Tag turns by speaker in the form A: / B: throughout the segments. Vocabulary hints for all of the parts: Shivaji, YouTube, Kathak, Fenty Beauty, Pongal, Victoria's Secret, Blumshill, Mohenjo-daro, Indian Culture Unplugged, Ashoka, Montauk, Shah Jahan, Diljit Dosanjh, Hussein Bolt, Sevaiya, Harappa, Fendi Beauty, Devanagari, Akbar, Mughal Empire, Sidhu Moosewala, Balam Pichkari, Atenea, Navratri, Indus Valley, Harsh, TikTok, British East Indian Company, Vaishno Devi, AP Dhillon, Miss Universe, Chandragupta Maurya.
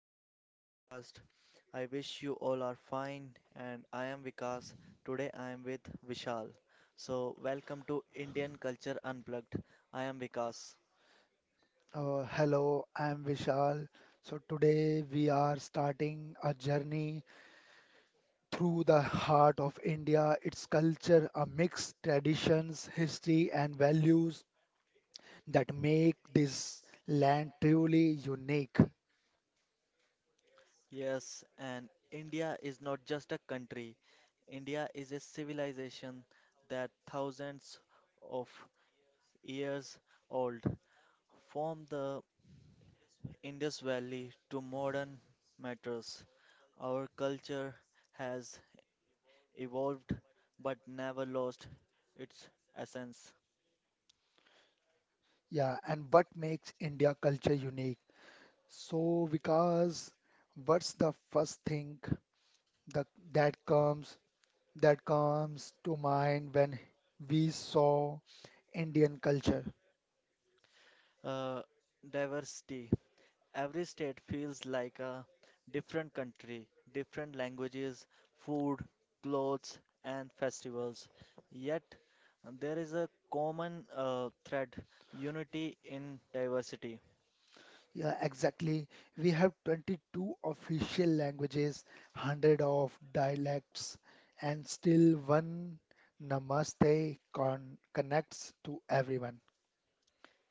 A: to our podcast. I wish you all are fine, and I am Vikas. Today I am with Vishal. So, welcome to Indian Culture Unplugged. I am Vikas.
B: Hello, I'm Vishal. So today we are starting a journey through the heart of India, its culture, a mixed traditions, history, and values that make this land truly unique.
A: Yes, and India is not just a country, India is a civilization that thousands of years old, from the Indus Valley to modern matters. Our culture has evolved but never lost its essence.
B: Yeah, and what makes India culture unique? So, Vikas, what's the first thing that that comes that comes to mind when we saw Indian culture?
A: Uh, Diversity. Every state feels like a different country, different languages, food, clothes, and festivals. Yet, there is a common thread unity in diversity.
B: Yeah, exactly. We have 22 official languages, 100 of dialects, and still one Namaste connects to everyone.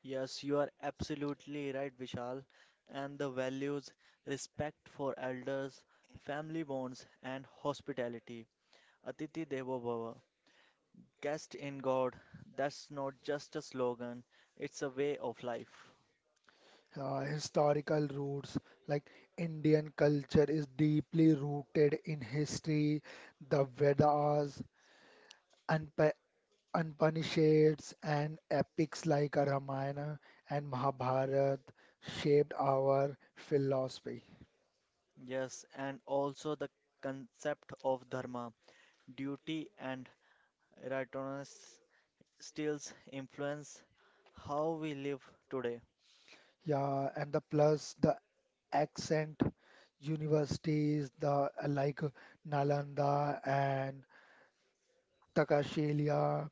A: Yes, you are absolutely right, Vishal. And the values respect for elders, family bonds, and hospitality. Atiti Devo Bhava Cast in God, that's not just a slogan, it's a way of life.
B: Historical roots, like Indian culture is deeply rooted in history, the Vedas, Unpa Upanishads, and epics like Ramayana and Mahabharata shaped our philosophy.
A: Yes, and also the concept of dharma, duty and righteousness still influence how we live today.
B: Yeah, and the plus the accent universities the like Nalanda and Takashilia,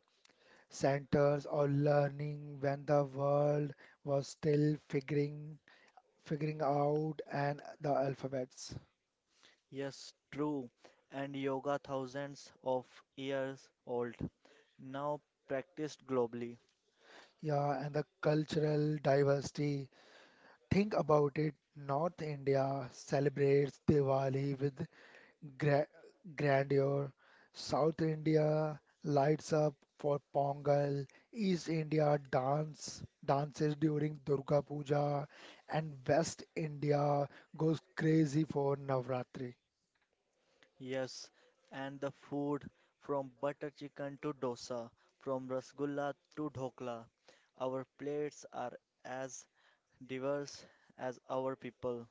B: centers of learning when the world was still figuring out and the alphabets.
A: Yes, true. And yoga thousands of years old now practiced globally.
B: Yeah, and the cultural diversity. Think about it. North India celebrates Diwali with gra- grandeur. South India lights up for Pongal. East India dances during Durga Puja, and West India goes crazy for Navratri.
A: Yes, and the food from butter chicken to dosa, from rasgulla to dhokla. Our plates are as diverse as our people.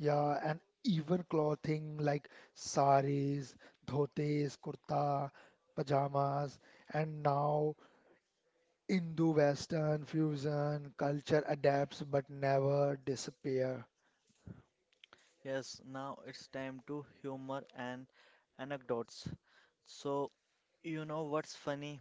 B: Yeah, and even clothing like saris, dhotis, kurta, pajamas, and now Indo-Western fusion culture adapts but never disappear.
A: Yes, now it's time to humor and anecdotes. So, you know what's funny?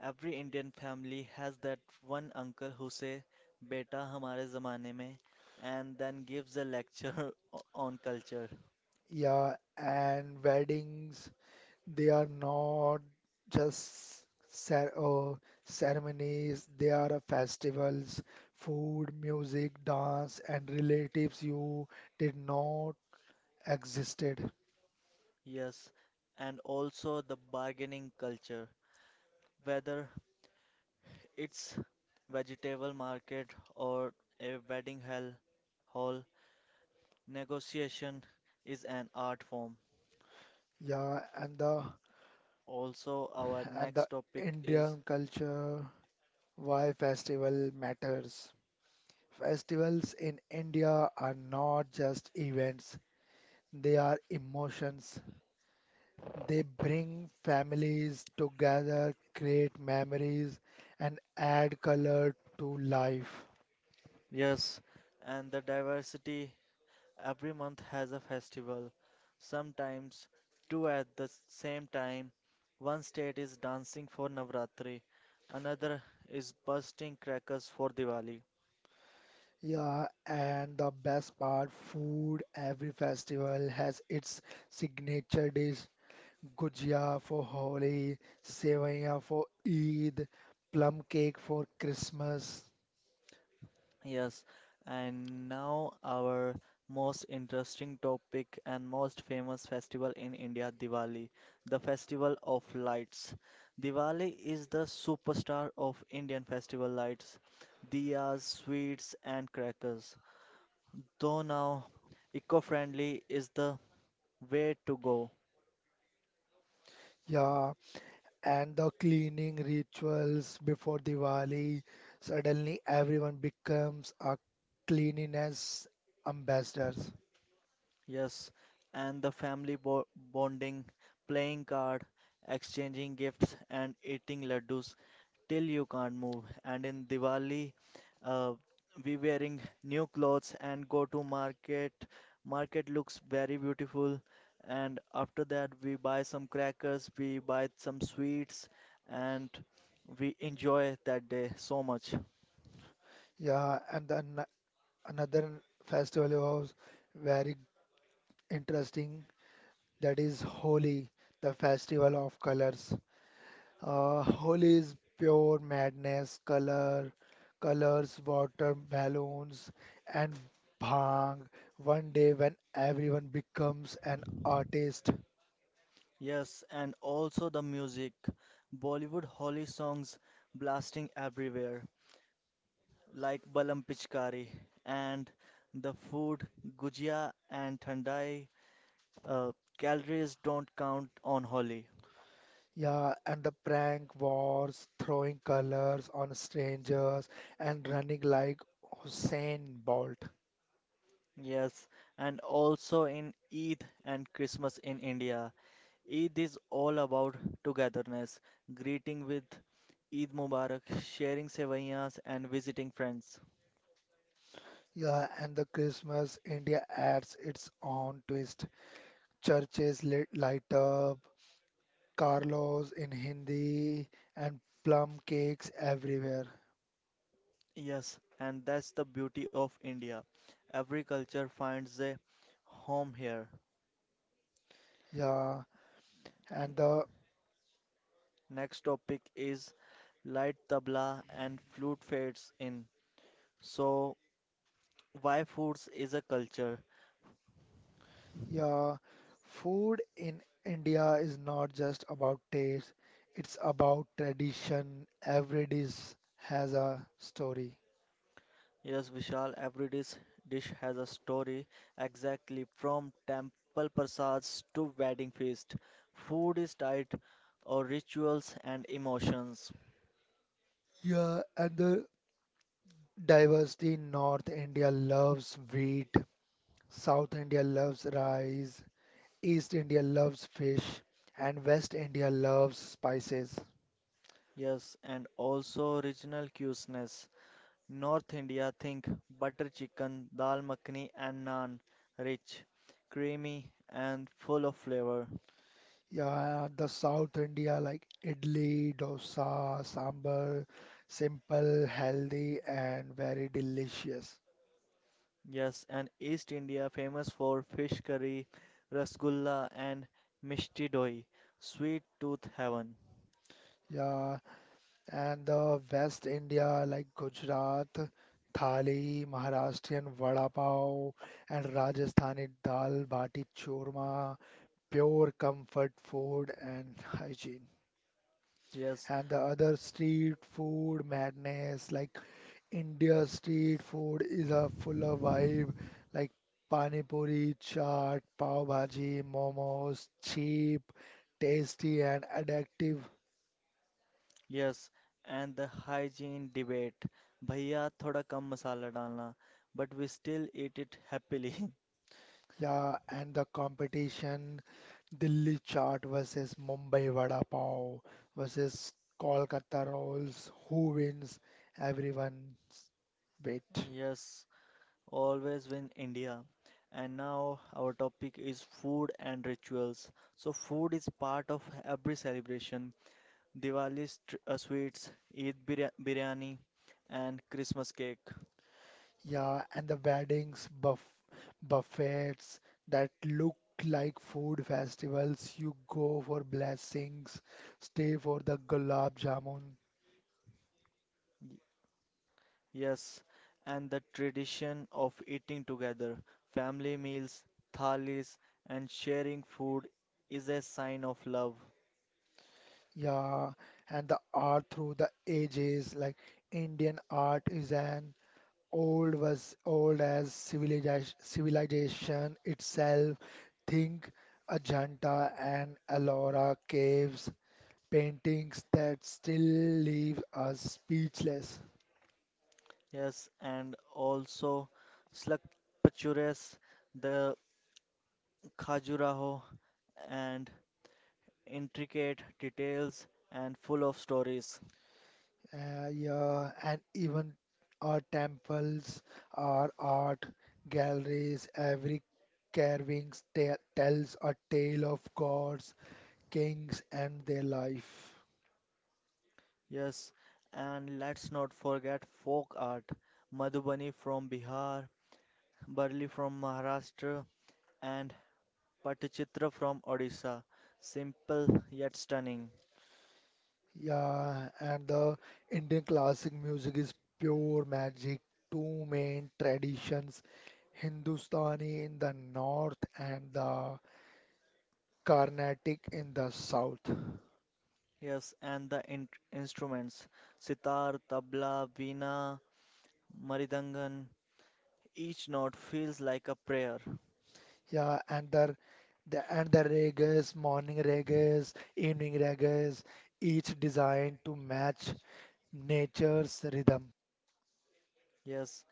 A: Every Indian family has that one uncle who say, "Beta, हमारे ज़माने में," and then gives a lecture on culture.
B: Yeah, and weddings, they are not just ceremonies, they are a festivals, food, music, dance, and relatives you did not existed.
A: Yes, and also the bargaining culture. Whether it's vegetable market or a wedding hell hall, negotiation is an art form.
B: Yeah, and the
A: Also, our
B: and the
A: next topic is
B: Indian culture, why festival matters. Festivals in India are not just events, they are emotions, they bring families together, create memories, and add color to life.
A: yes, and the diversity. Every month has a festival, sometimes two at the same time. One state is dancing for Navratri, another is bursting crackers for Diwali.
B: Yeah, and the best part, food. Every festival has its signature dish. Gujia for Holi, Sevaiya for Eid, plum cake for Christmas.
A: Yes, and now our most interesting topic and most famous festival in India, Diwali, the festival of lights. Diwali is the superstar of Indian festival lights, diyas, sweets, and crackers. Though now eco-friendly is the way to go.
B: Yeah, and the cleaning rituals before Diwali. Suddenly, everyone becomes a cleanliness ambassador.
A: Yes, and the family bo bonding, playing card, exchanging gifts, and eating laddus till you can't move. And in Diwali, uh, we wearing new clothes and go to market. Market looks very beautiful. And after that, we buy some crackers, we buy some sweets, and we enjoy that day so much.
B: Yeah, and then another festival was very interesting. That is Holi, the festival of colors. Holi is pure madness, colors, water, balloons, and bhang. One day when everyone becomes an artist.
A: Yes, and also the music. Bollywood Holi songs blasting everywhere, like Balam Pichkari, and the food Gujia and Thandai. Uh, Calories don't count on Holi.
B: Yeah, and the prank wars, throwing colors on strangers, and running like Hussein Bolt.
A: Yes, and also in Eid and Christmas in India. Eid is all about togetherness, greeting with Eid Mubarak, sharing sevaiyas, and visiting friends.
B: Yeah, and the Christmas India adds its own twist. Churches lit light up, Carlos in Hindi, and plum cakes everywhere.
A: Yes, and that's the beauty of India. Every culture finds a home here.
B: Yeah, and the
A: Next topic is light tabla and flute fades in. So, why foods is a culture?
B: yeah, food in India is not just about taste, it's about tradition. Every dish has a story.
A: Yes, Vishal, every dish has a story, exactly from temple prasads to wedding feast. Food is tied or rituals and emotions.
B: Yeah, and the diversity in North India loves wheat, South India loves rice, East India loves fish, and West India loves spices.
A: Yes, and also regional cuisiness. North India, think butter chicken, dal makhani and naan, rich, creamy and full of flavor.
B: Yeah, the South India like idli, dosa, sambar, simple, healthy, and very delicious.
A: Yes, and East India famous for fish curry, rasgulla and mishti doi, sweet tooth heaven.
B: Yeah, and the West India like Gujarat thali, Maharashtrian vada pav, and Rajasthani dal bati churma, pure comfort food and hygiene.
A: Yes
B: And the other street food madness, like India street food is a full of vibe, like pani puri, chaat, pav bhaji, momos, cheap, tasty, and addictive.
A: Yes and the hygiene debate भैया थोड़ा कम मसाला डालना but we still eat it happily
B: Yeah, and the competition, Delhi chaat versus Mumbai vada pav versus Kolkata rolls. Who wins? Everyone's bet.
A: Yes, always win India. And now our topic is food and rituals. So food is part of every celebration. Diwali sweets, Eid biryani, and Christmas cake.
B: Yeah, and the weddings, buffets that look like food festivals. You go for blessings, stay for the gulab jamun.
A: Yes, and the tradition of eating together, family meals, thalis, and sharing food is a sign of love.
B: Yeah, and the art through the ages, like Indian art is an old was old as civilization itself. Think Ajanta and Ellora caves, paintings that still leave us speechless.
A: Yes, and also slakpachures, the khajuraho, and intricate details and full of stories.
B: Yeah, and even our temples, our art galleries, every carvings te tells a tale of gods, kings, and their life.
A: Yes, and let's not forget folk art, Madhubani from Bihar, Burli from Maharashtra, and Patichitra from Odisha, simple yet stunning.
B: Yeah, and the Indian classic music is pure magic. Two main traditions, Hindustani in the north and the Carnatic in the south.
A: Yes, and the instruments sitar, tabla, veena, maridangan, each note feels like a prayer.
B: Yeah, and the ragas, morning ragas, evening ragas, each designed to match nature's rhythm.
A: Yes,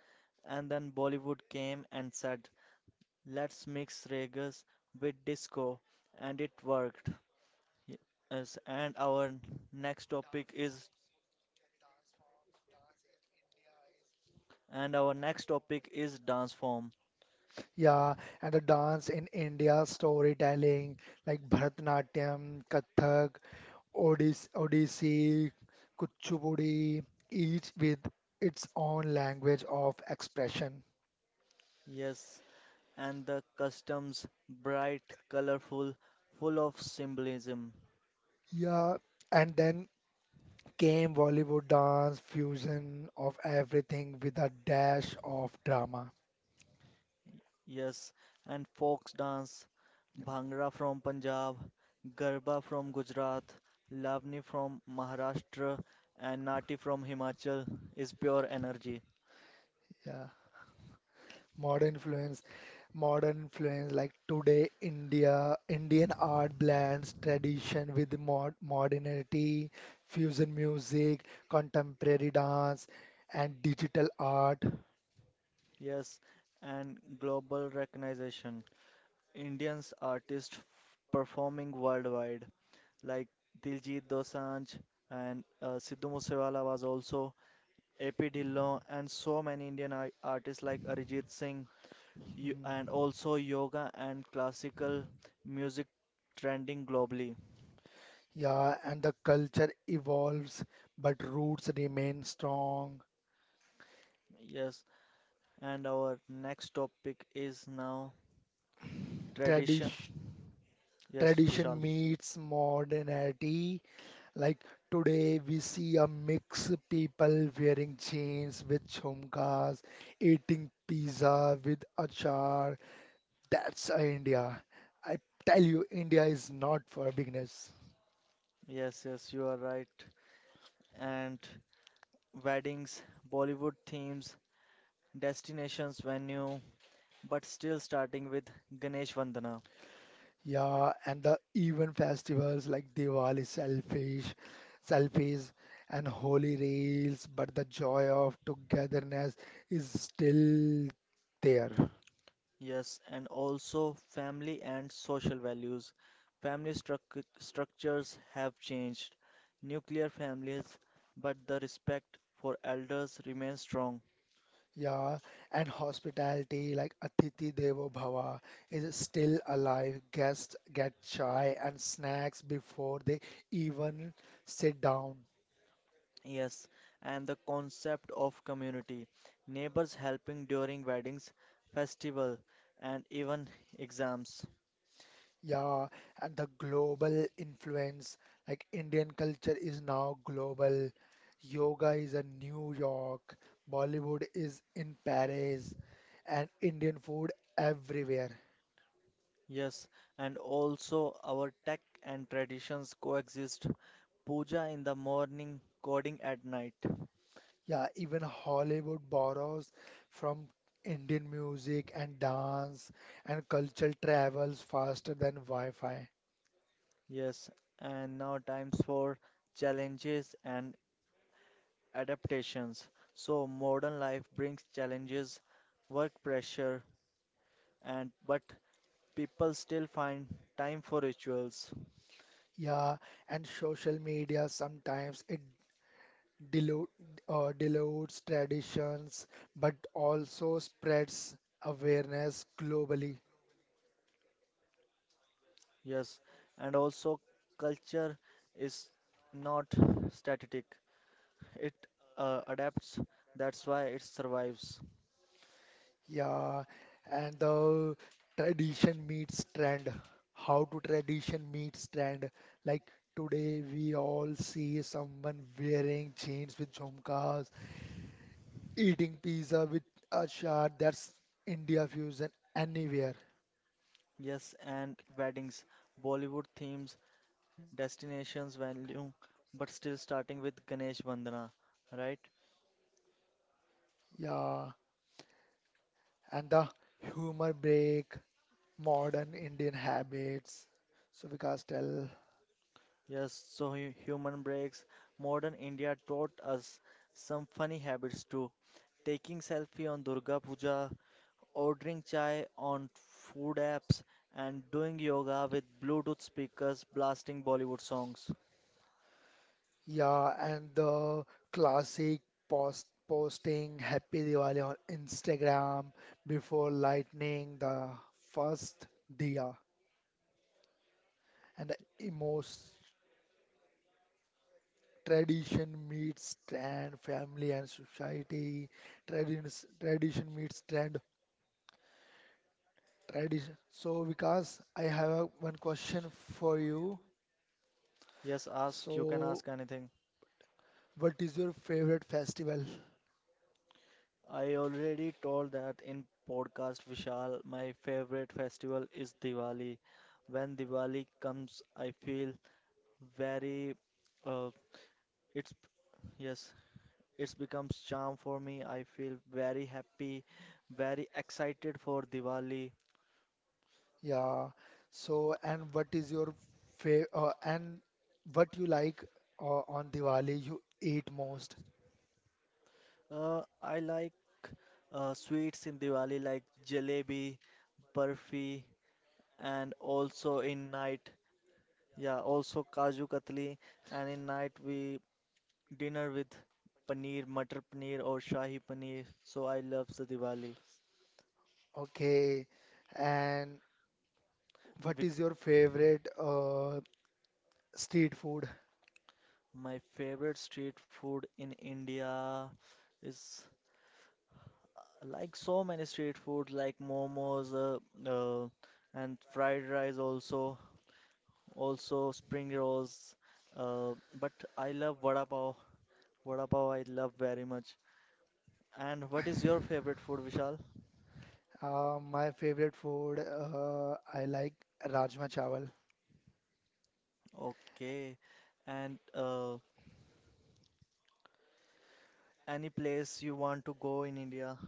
A: and then Bollywood came and said, let's mix ragas with disco, and it worked. Y- Yes, and next topic is our next topic is dance form.
B: Yeah, and the dance in India, storytelling like Bharatanatyam, Kathak, Odissi, Kuchipudi, each with its own language of expression.
A: Yes, and the customs bright, colorful, full of symbolism.
B: Yeah, and then came Bollywood dance, fusion of everything with a dash of drama.
A: Yes, and folk dance, Bhangra from Punjab, Garba from Gujarat, Lavani from Maharashtra, and Nati from Himachal is pure energy.
B: Yeah, modern influence modern influence, like today Indian art blends tradition with modernity, fusion music, contemporary dance, and digital art.
A: Yes, and global recognition. Indians artists performing worldwide, like Diljit Dosanjh and Sidhu Moosewala was also AP Dhillon, and so many Indian artists like Ajit Singh, you, and
B: Mm.
A: also yoga and classical music trending globally.
B: Yeah, and the culture evolves, but roots remain strong.
A: Yes, and our next topic is now tradition.
B: Tradition
A: Yes, Vishal.
B: tradition meets modernity. Like today, we see a mix of people wearing jeans with jhumkas, eating pizza with achar. That's India. I tell you, India is not for beginners.
A: Yes, you are right. And weddings, Bollywood themes, destinations, venue, but still starting with Ganesh Vandana.
B: Yeah, and the even festivals like Diwali, selfies, and holy rails, but the joy of togetherness is still there.
A: Yes, and also family and social values. Family structures have changed. Nuclear families, but the respect for elders remains strong.
B: Yeah, and hospitality like Atithi Devo Bhava is still alive. Guests get chai and snacks before they even sit down.
A: Yes, and the concept of community. Neighbors helping during weddings, festival, and even exams.
B: Yeah, and the global influence, like Indian culture is now global. Yoga is in New York, Bollywood is in Paris, and Indian food everywhere.
A: Yes, and also our tech and traditions coexist. Puja in the morning, coding at night.
B: Yeah, even Hollywood borrows from Indian music and dance, and cultural travels faster than Wi-Fi.
A: Yes, and now times for challenges and adaptations. So modern life brings challenges, work pressure, and but people still find time for rituals.
B: Yeah, and social media sometimes it dilute dilutes traditions but also spreads awareness globally.
A: Yes, and also culture is not static. It adapts. That's why it survives.
B: Yeah, and the tradition meets trend. How to tradition meets trend. Like today we all see someone wearing jeans with jhumkas, eating pizza with a shirt. That's India fusion anywhere.
A: Yes, and weddings, Bollywood themes, destinations value, but still starting with Ganesh Vandana, right?
B: Yeah, and the humor break, modern Indian habits. So Vikas, tell.
A: Yes, so human breaks. Modern India taught us some funny habits too. Taking selfie on Durga Puja, ordering chai on food apps, and doing yoga with Bluetooth speakers blasting Bollywood songs.
B: Yeah, and the classic posting Happy Diwali on Instagram before lightning the first diya, and the emos tradition meets trend, family and society. Traditions, tradition meets trend, tradition. So, Vikas, I have one question for you.
A: Yes, ask. You can
B: So,
A: ask anything.
B: what is your favorite festival?
A: I already told that in podcast, Vishal. My favorite festival is Diwali. When Diwali comes, I feel very. Uh, it's Yes. It becomes charm for me. I feel very happy, very excited for Diwali.
B: Yeah. So, and what you like on Diwali you eat most?
A: I like sweets in Diwali like jalebi, barfi, and also in night, yeah, also kaju katli. And in night we dinner with paneer, matar paneer or shahi paneer. So I love the Diwali.
B: Okay. And what
A: Bec-
B: is your favorite street food?
A: my favorite street food in India is like so many street food, like momos, and fried rice also, also spring rolls. But I love vada pav. Vada pav I love very much. And what is your favorite food, Vishal?
B: My favorite food, I like Rajma Chawal.
A: Okay. And any place you want to go in India?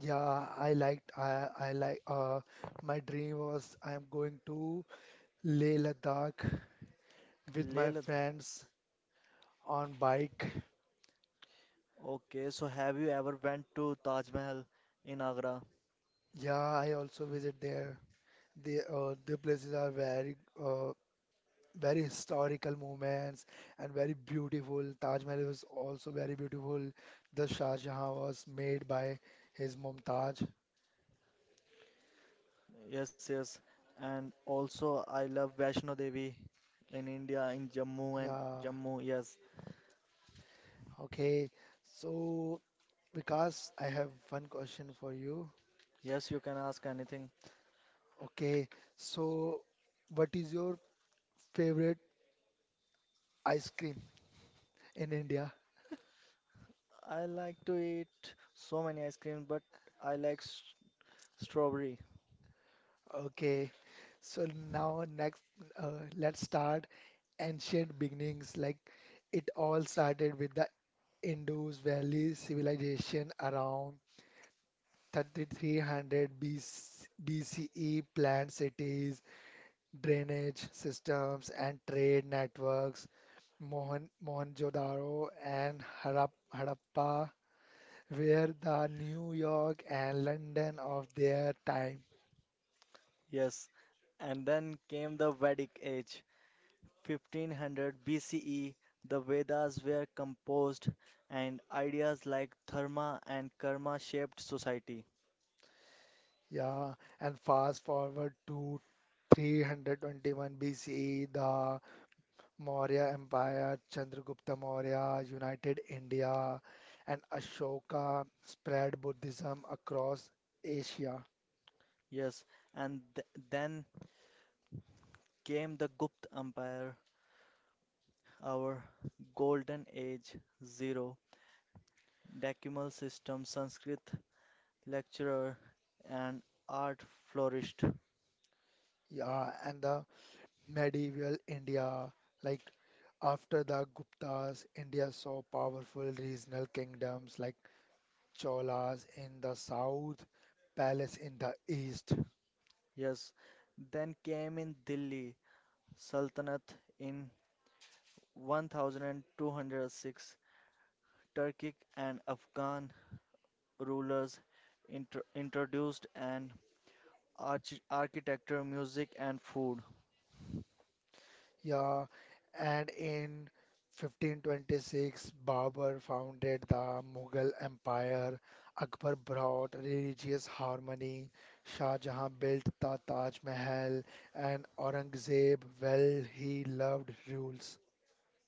B: Yeah, I liked I like my dream was I'm going to Leh Ladakh with
A: Leh
B: my
A: Ladakh.
B: friends on bike.
A: Okay. So have you ever went to Taj Mahal in Agra?
B: Yeah, I also visit there. The places are very historical moments and very beautiful. Taj Mahal was also very beautiful. The Shah Jahan was made by his Mumtaz.
A: Yes, yes. And also, I love Vaishno Devi in India, in Jammu and
B: Yeah.
A: Jammu. Yes,
B: Okay. So, Vikas, I have one question for you.
A: yes, you can ask anything.
B: Okay. So, what is your favorite ice cream in India?
A: I like to eat so many ice creams, but I like strawberry.
B: Okay. So now next, let's start ancient beginnings. Like it all started with the Indus Valley civilization around 3300 BCE, planned cities, drainage systems, and trade networks. Mohenjo-daro and Harappa were the New York and London of their time.
A: Yes. And then came the Vedic age, 1500 BCE. The Vedas were composed, and ideas like dharma and karma shaped society.
B: Yeah, and fast forward to 321 BCE, the Maurya Empire, Chandragupta Maurya, united India, and Ashoka spread Buddhism across Asia.
A: Yes. And then came the Gupta Empire, our golden age, zero decimal system, Sanskrit lecturer and art flourished.
B: Yeah, and the medieval India, like after the Guptas, India saw powerful regional kingdoms like Cholas in the south, Palace in the east.
A: Yes, then came in Delhi Sultanate in 1206. Turkic and Afghan rulers introduced an architecture, music, and food.
B: Yeah, and in 1526, Babur founded the Mughal Empire. Akbar brought religious harmony. Shah Jahan built the Taj Mahal, and Aurangzeb, well, he loved rules.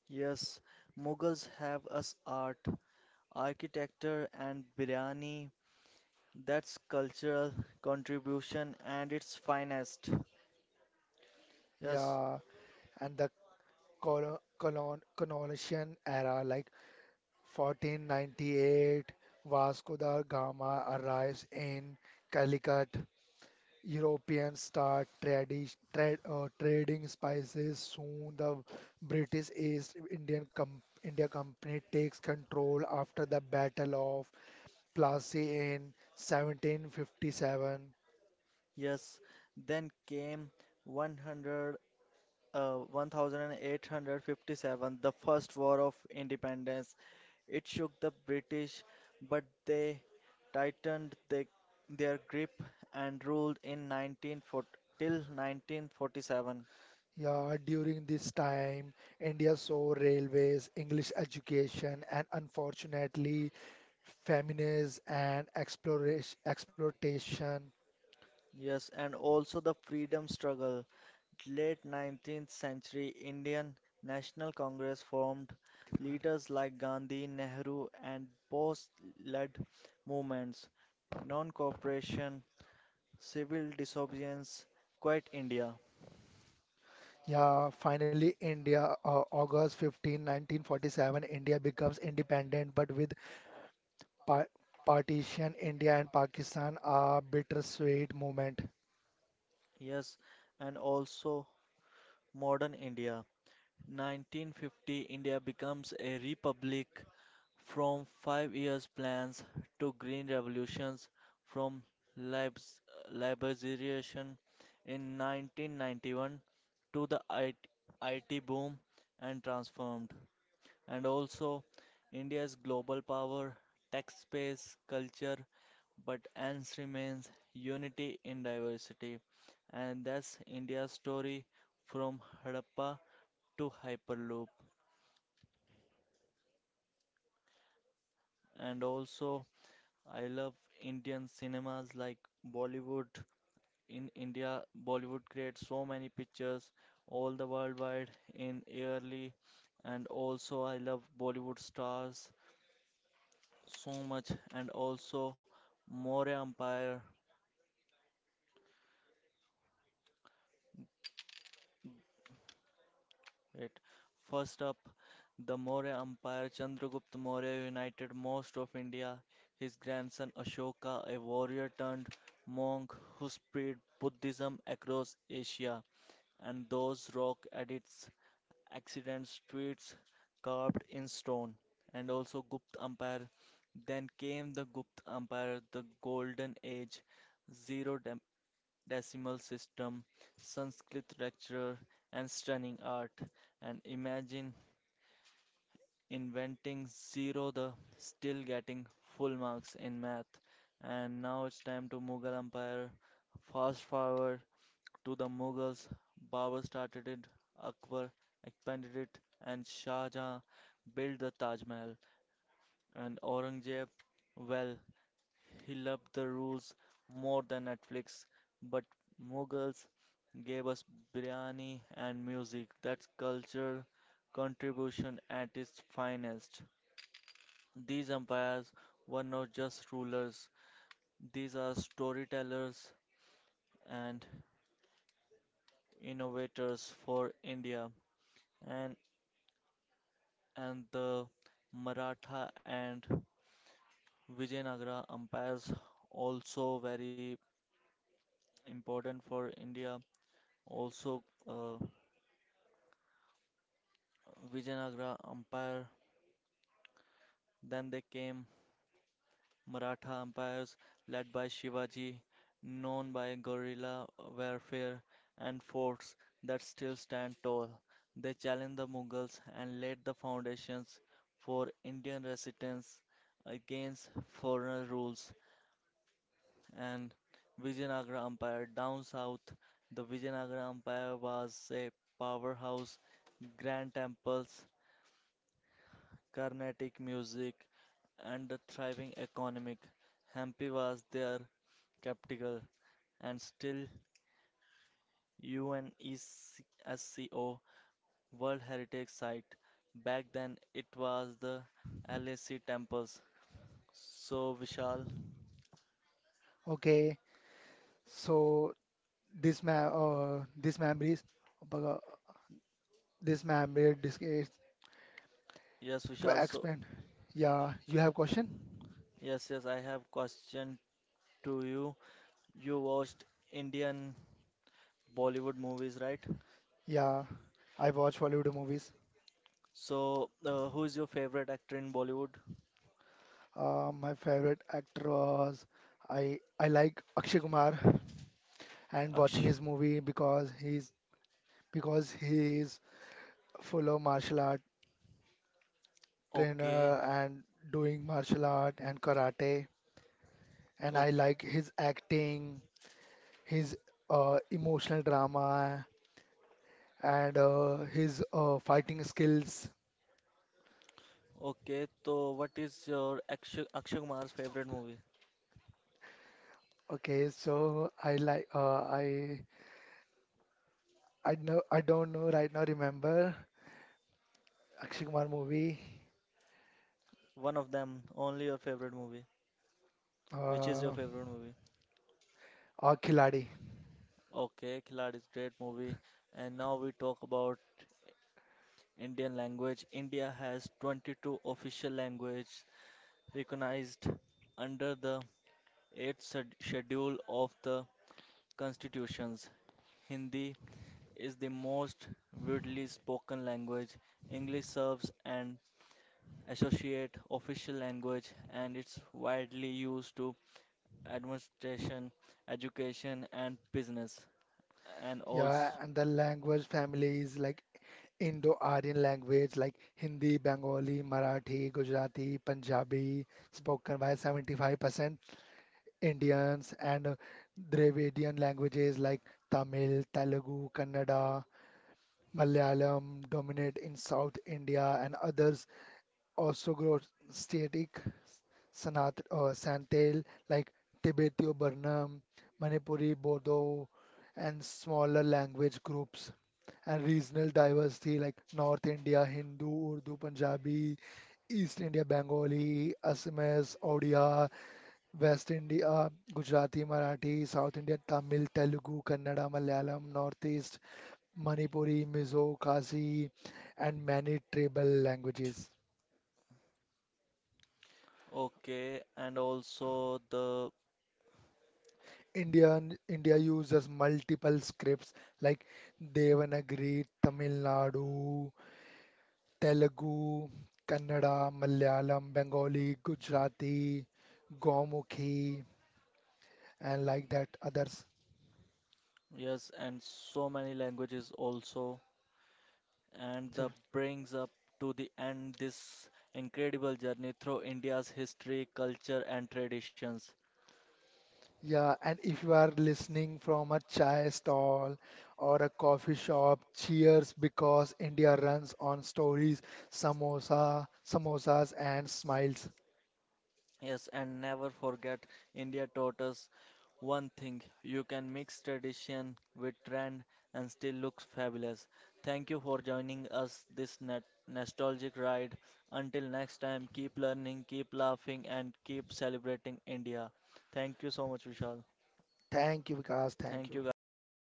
A: Yes, Mughals have us art, architecture, and biryani. That's cultural contribution and its finest. Yes,
B: Yeah, and the colonization era, like 1498, Vasco da Gama arrives in Calicut. Europeans start trading spices. Soon, the British East India Company takes control after the Battle of Plassey in 1757.
A: yes. Then came 100, uh, 1857, the First War of Independence. It shook the British, but they tightened their grip and ruled in 1940, till 1947.
B: Yeah, during this time, India saw railways, English education, and unfortunately, famines and exploitation.
A: Yes, and also the freedom struggle. Late 19th-century Indian National Congress formed, leaders like Gandhi, Nehru and Bose led movements: non-cooperation, civil disobedience, Quit India,
B: Yeah, finally, August 15, 1947, India becomes independent, but with par partition, India and Pakistan are bittersweet moment.
A: yes, and also modern India. 1950 India becomes a republic from 5 years plans to green revolutions from libs- liberalization in 1991 to the IT, boom and transformed. And also, India's global power, tech space, culture, but ends remains unity in diversity. And that's India's story from Harappa to Hyperloop. And also, I love Indian cinemas like Bollywood. In India, Bollywood creates so many pictures all the worldwide in yearly and also I love Bollywood stars so much and also Maurya Empire. Wait, first up, the Maurya Empire. Chandragupta Maurya united most of India. His grandson Ashoka, a warrior turned monk who spread Buddhism across Asia, and those rock at its accident streets carved in stone. And also Gupta Empire. Then came the Gupta Empire, the golden age, zero decimal system, Sanskrit lecturer, and stunning art. And imagine inventing zero the still getting full marks in math. And now it's time to Mughal Empire. Fast forward to the Mughals. Babur started it, Akbar expanded it, and Shah Jahan built the Taj Mahal. And Aurangzeb, well, he loved the rules more than Netflix, but Mughals gave us biryani and music. That's cultural contribution at its finest. These empires were not just rulers, these are storytellers and innovators for India. And, and the Maratha and Vijayanagara empires also very important for India. Also, uh, Vijayanagara Empire, then they came Maratha empires led by Shivaji, known by guerrilla warfare and forts that still stand tall. They challenged the Mughals and laid the foundations for Indian resistance against foreign rules and Vijayanagara Empire. Down south, the Vijayanagara Empire was a powerhouse, grand temples, Carnatic music, and a thriving economic. Hampi was their capital and still UNESCO World Heritage Site. Back then it was the LAC temples. So Vishal,
B: Okay, so this ma this memories, uh, this memory dis is
A: yes
B: to
A: Vishal, so
B: expand. Yeah, you have question?
A: yes, I have question to you. You watched Indian Bollywood movies, right?
B: Yeah, I watch Bollywood movies.
A: So who is your favorite actor in Bollywood?
B: My favorite actor was, I like Akshay Kumar, and
A: Aksh.
B: watching his movie because he's because he is full of martial art
A: Okay,
B: trainer and doing martial art and karate. And I like his acting, his emotional drama, and his fighting skills.
A: okay, so what is your Akshay Kumar's favorite movie?
B: Okay, so I like, I know, I don't know right now, remember Akshay Kumar movie,
A: One of them, only your favorite movie. Which is your
B: uh,
A: favorite movie?
B: or Khiladi.
A: Okay, Khiladi is great movie. And now we talk about Indian language. India has 22 official languages recognized under the 8th schedule of the constitutions. Hindi is the most widely spoken language. English serves an associate official language and it's widely used to administration, education and business and
B: Yeah,
A: also
B: and the language family is like Indo-Aryan language like Hindi, Bengali, Marathi, Gujarati, Punjabi, spoken by 75% Indians, and Dravidian languages like Tamil, Telugu, Kannada, Malayalam dominate in South India, and others also grow static Sanat or Santal like Tibeto-Burman, Manipuri, Bodo, and smaller language groups, and regional diversity like North India, Hindu, Urdu, Punjabi, East India, Bengali, Assamese, Odia, West India, Gujarati, Marathi, South India, Tamil, Telugu, Kannada, Malayalam, Northeast, Manipuri, Mizo, Khasi, and many tribal languages.
A: okay and also the
B: India uses multiple scripts like Devanagari, Tamil Nadu, Telugu, Kannada, Malayalam, Bengali, Gujarati, Gomukhi, and like that others.
A: yes and so many languages also and
B: So,
A: that brings up to the end this incredible journey through India's history, culture and traditions.
B: yeah, and if you are listening from a chai stall or a coffee shop, cheers, because India runs on stories, samosas, and smiles.
A: Yes, and never forget India taught us one thing, you can mix tradition with trend and still looks fabulous. Thank you for joining us this nostalgic ride. Until next time, keep learning, keep laughing, and keep celebrating India. Thank you so much, Vishal.
B: Thank you, Vikas. Thank
A: Thank
B: you.
A: you, guys.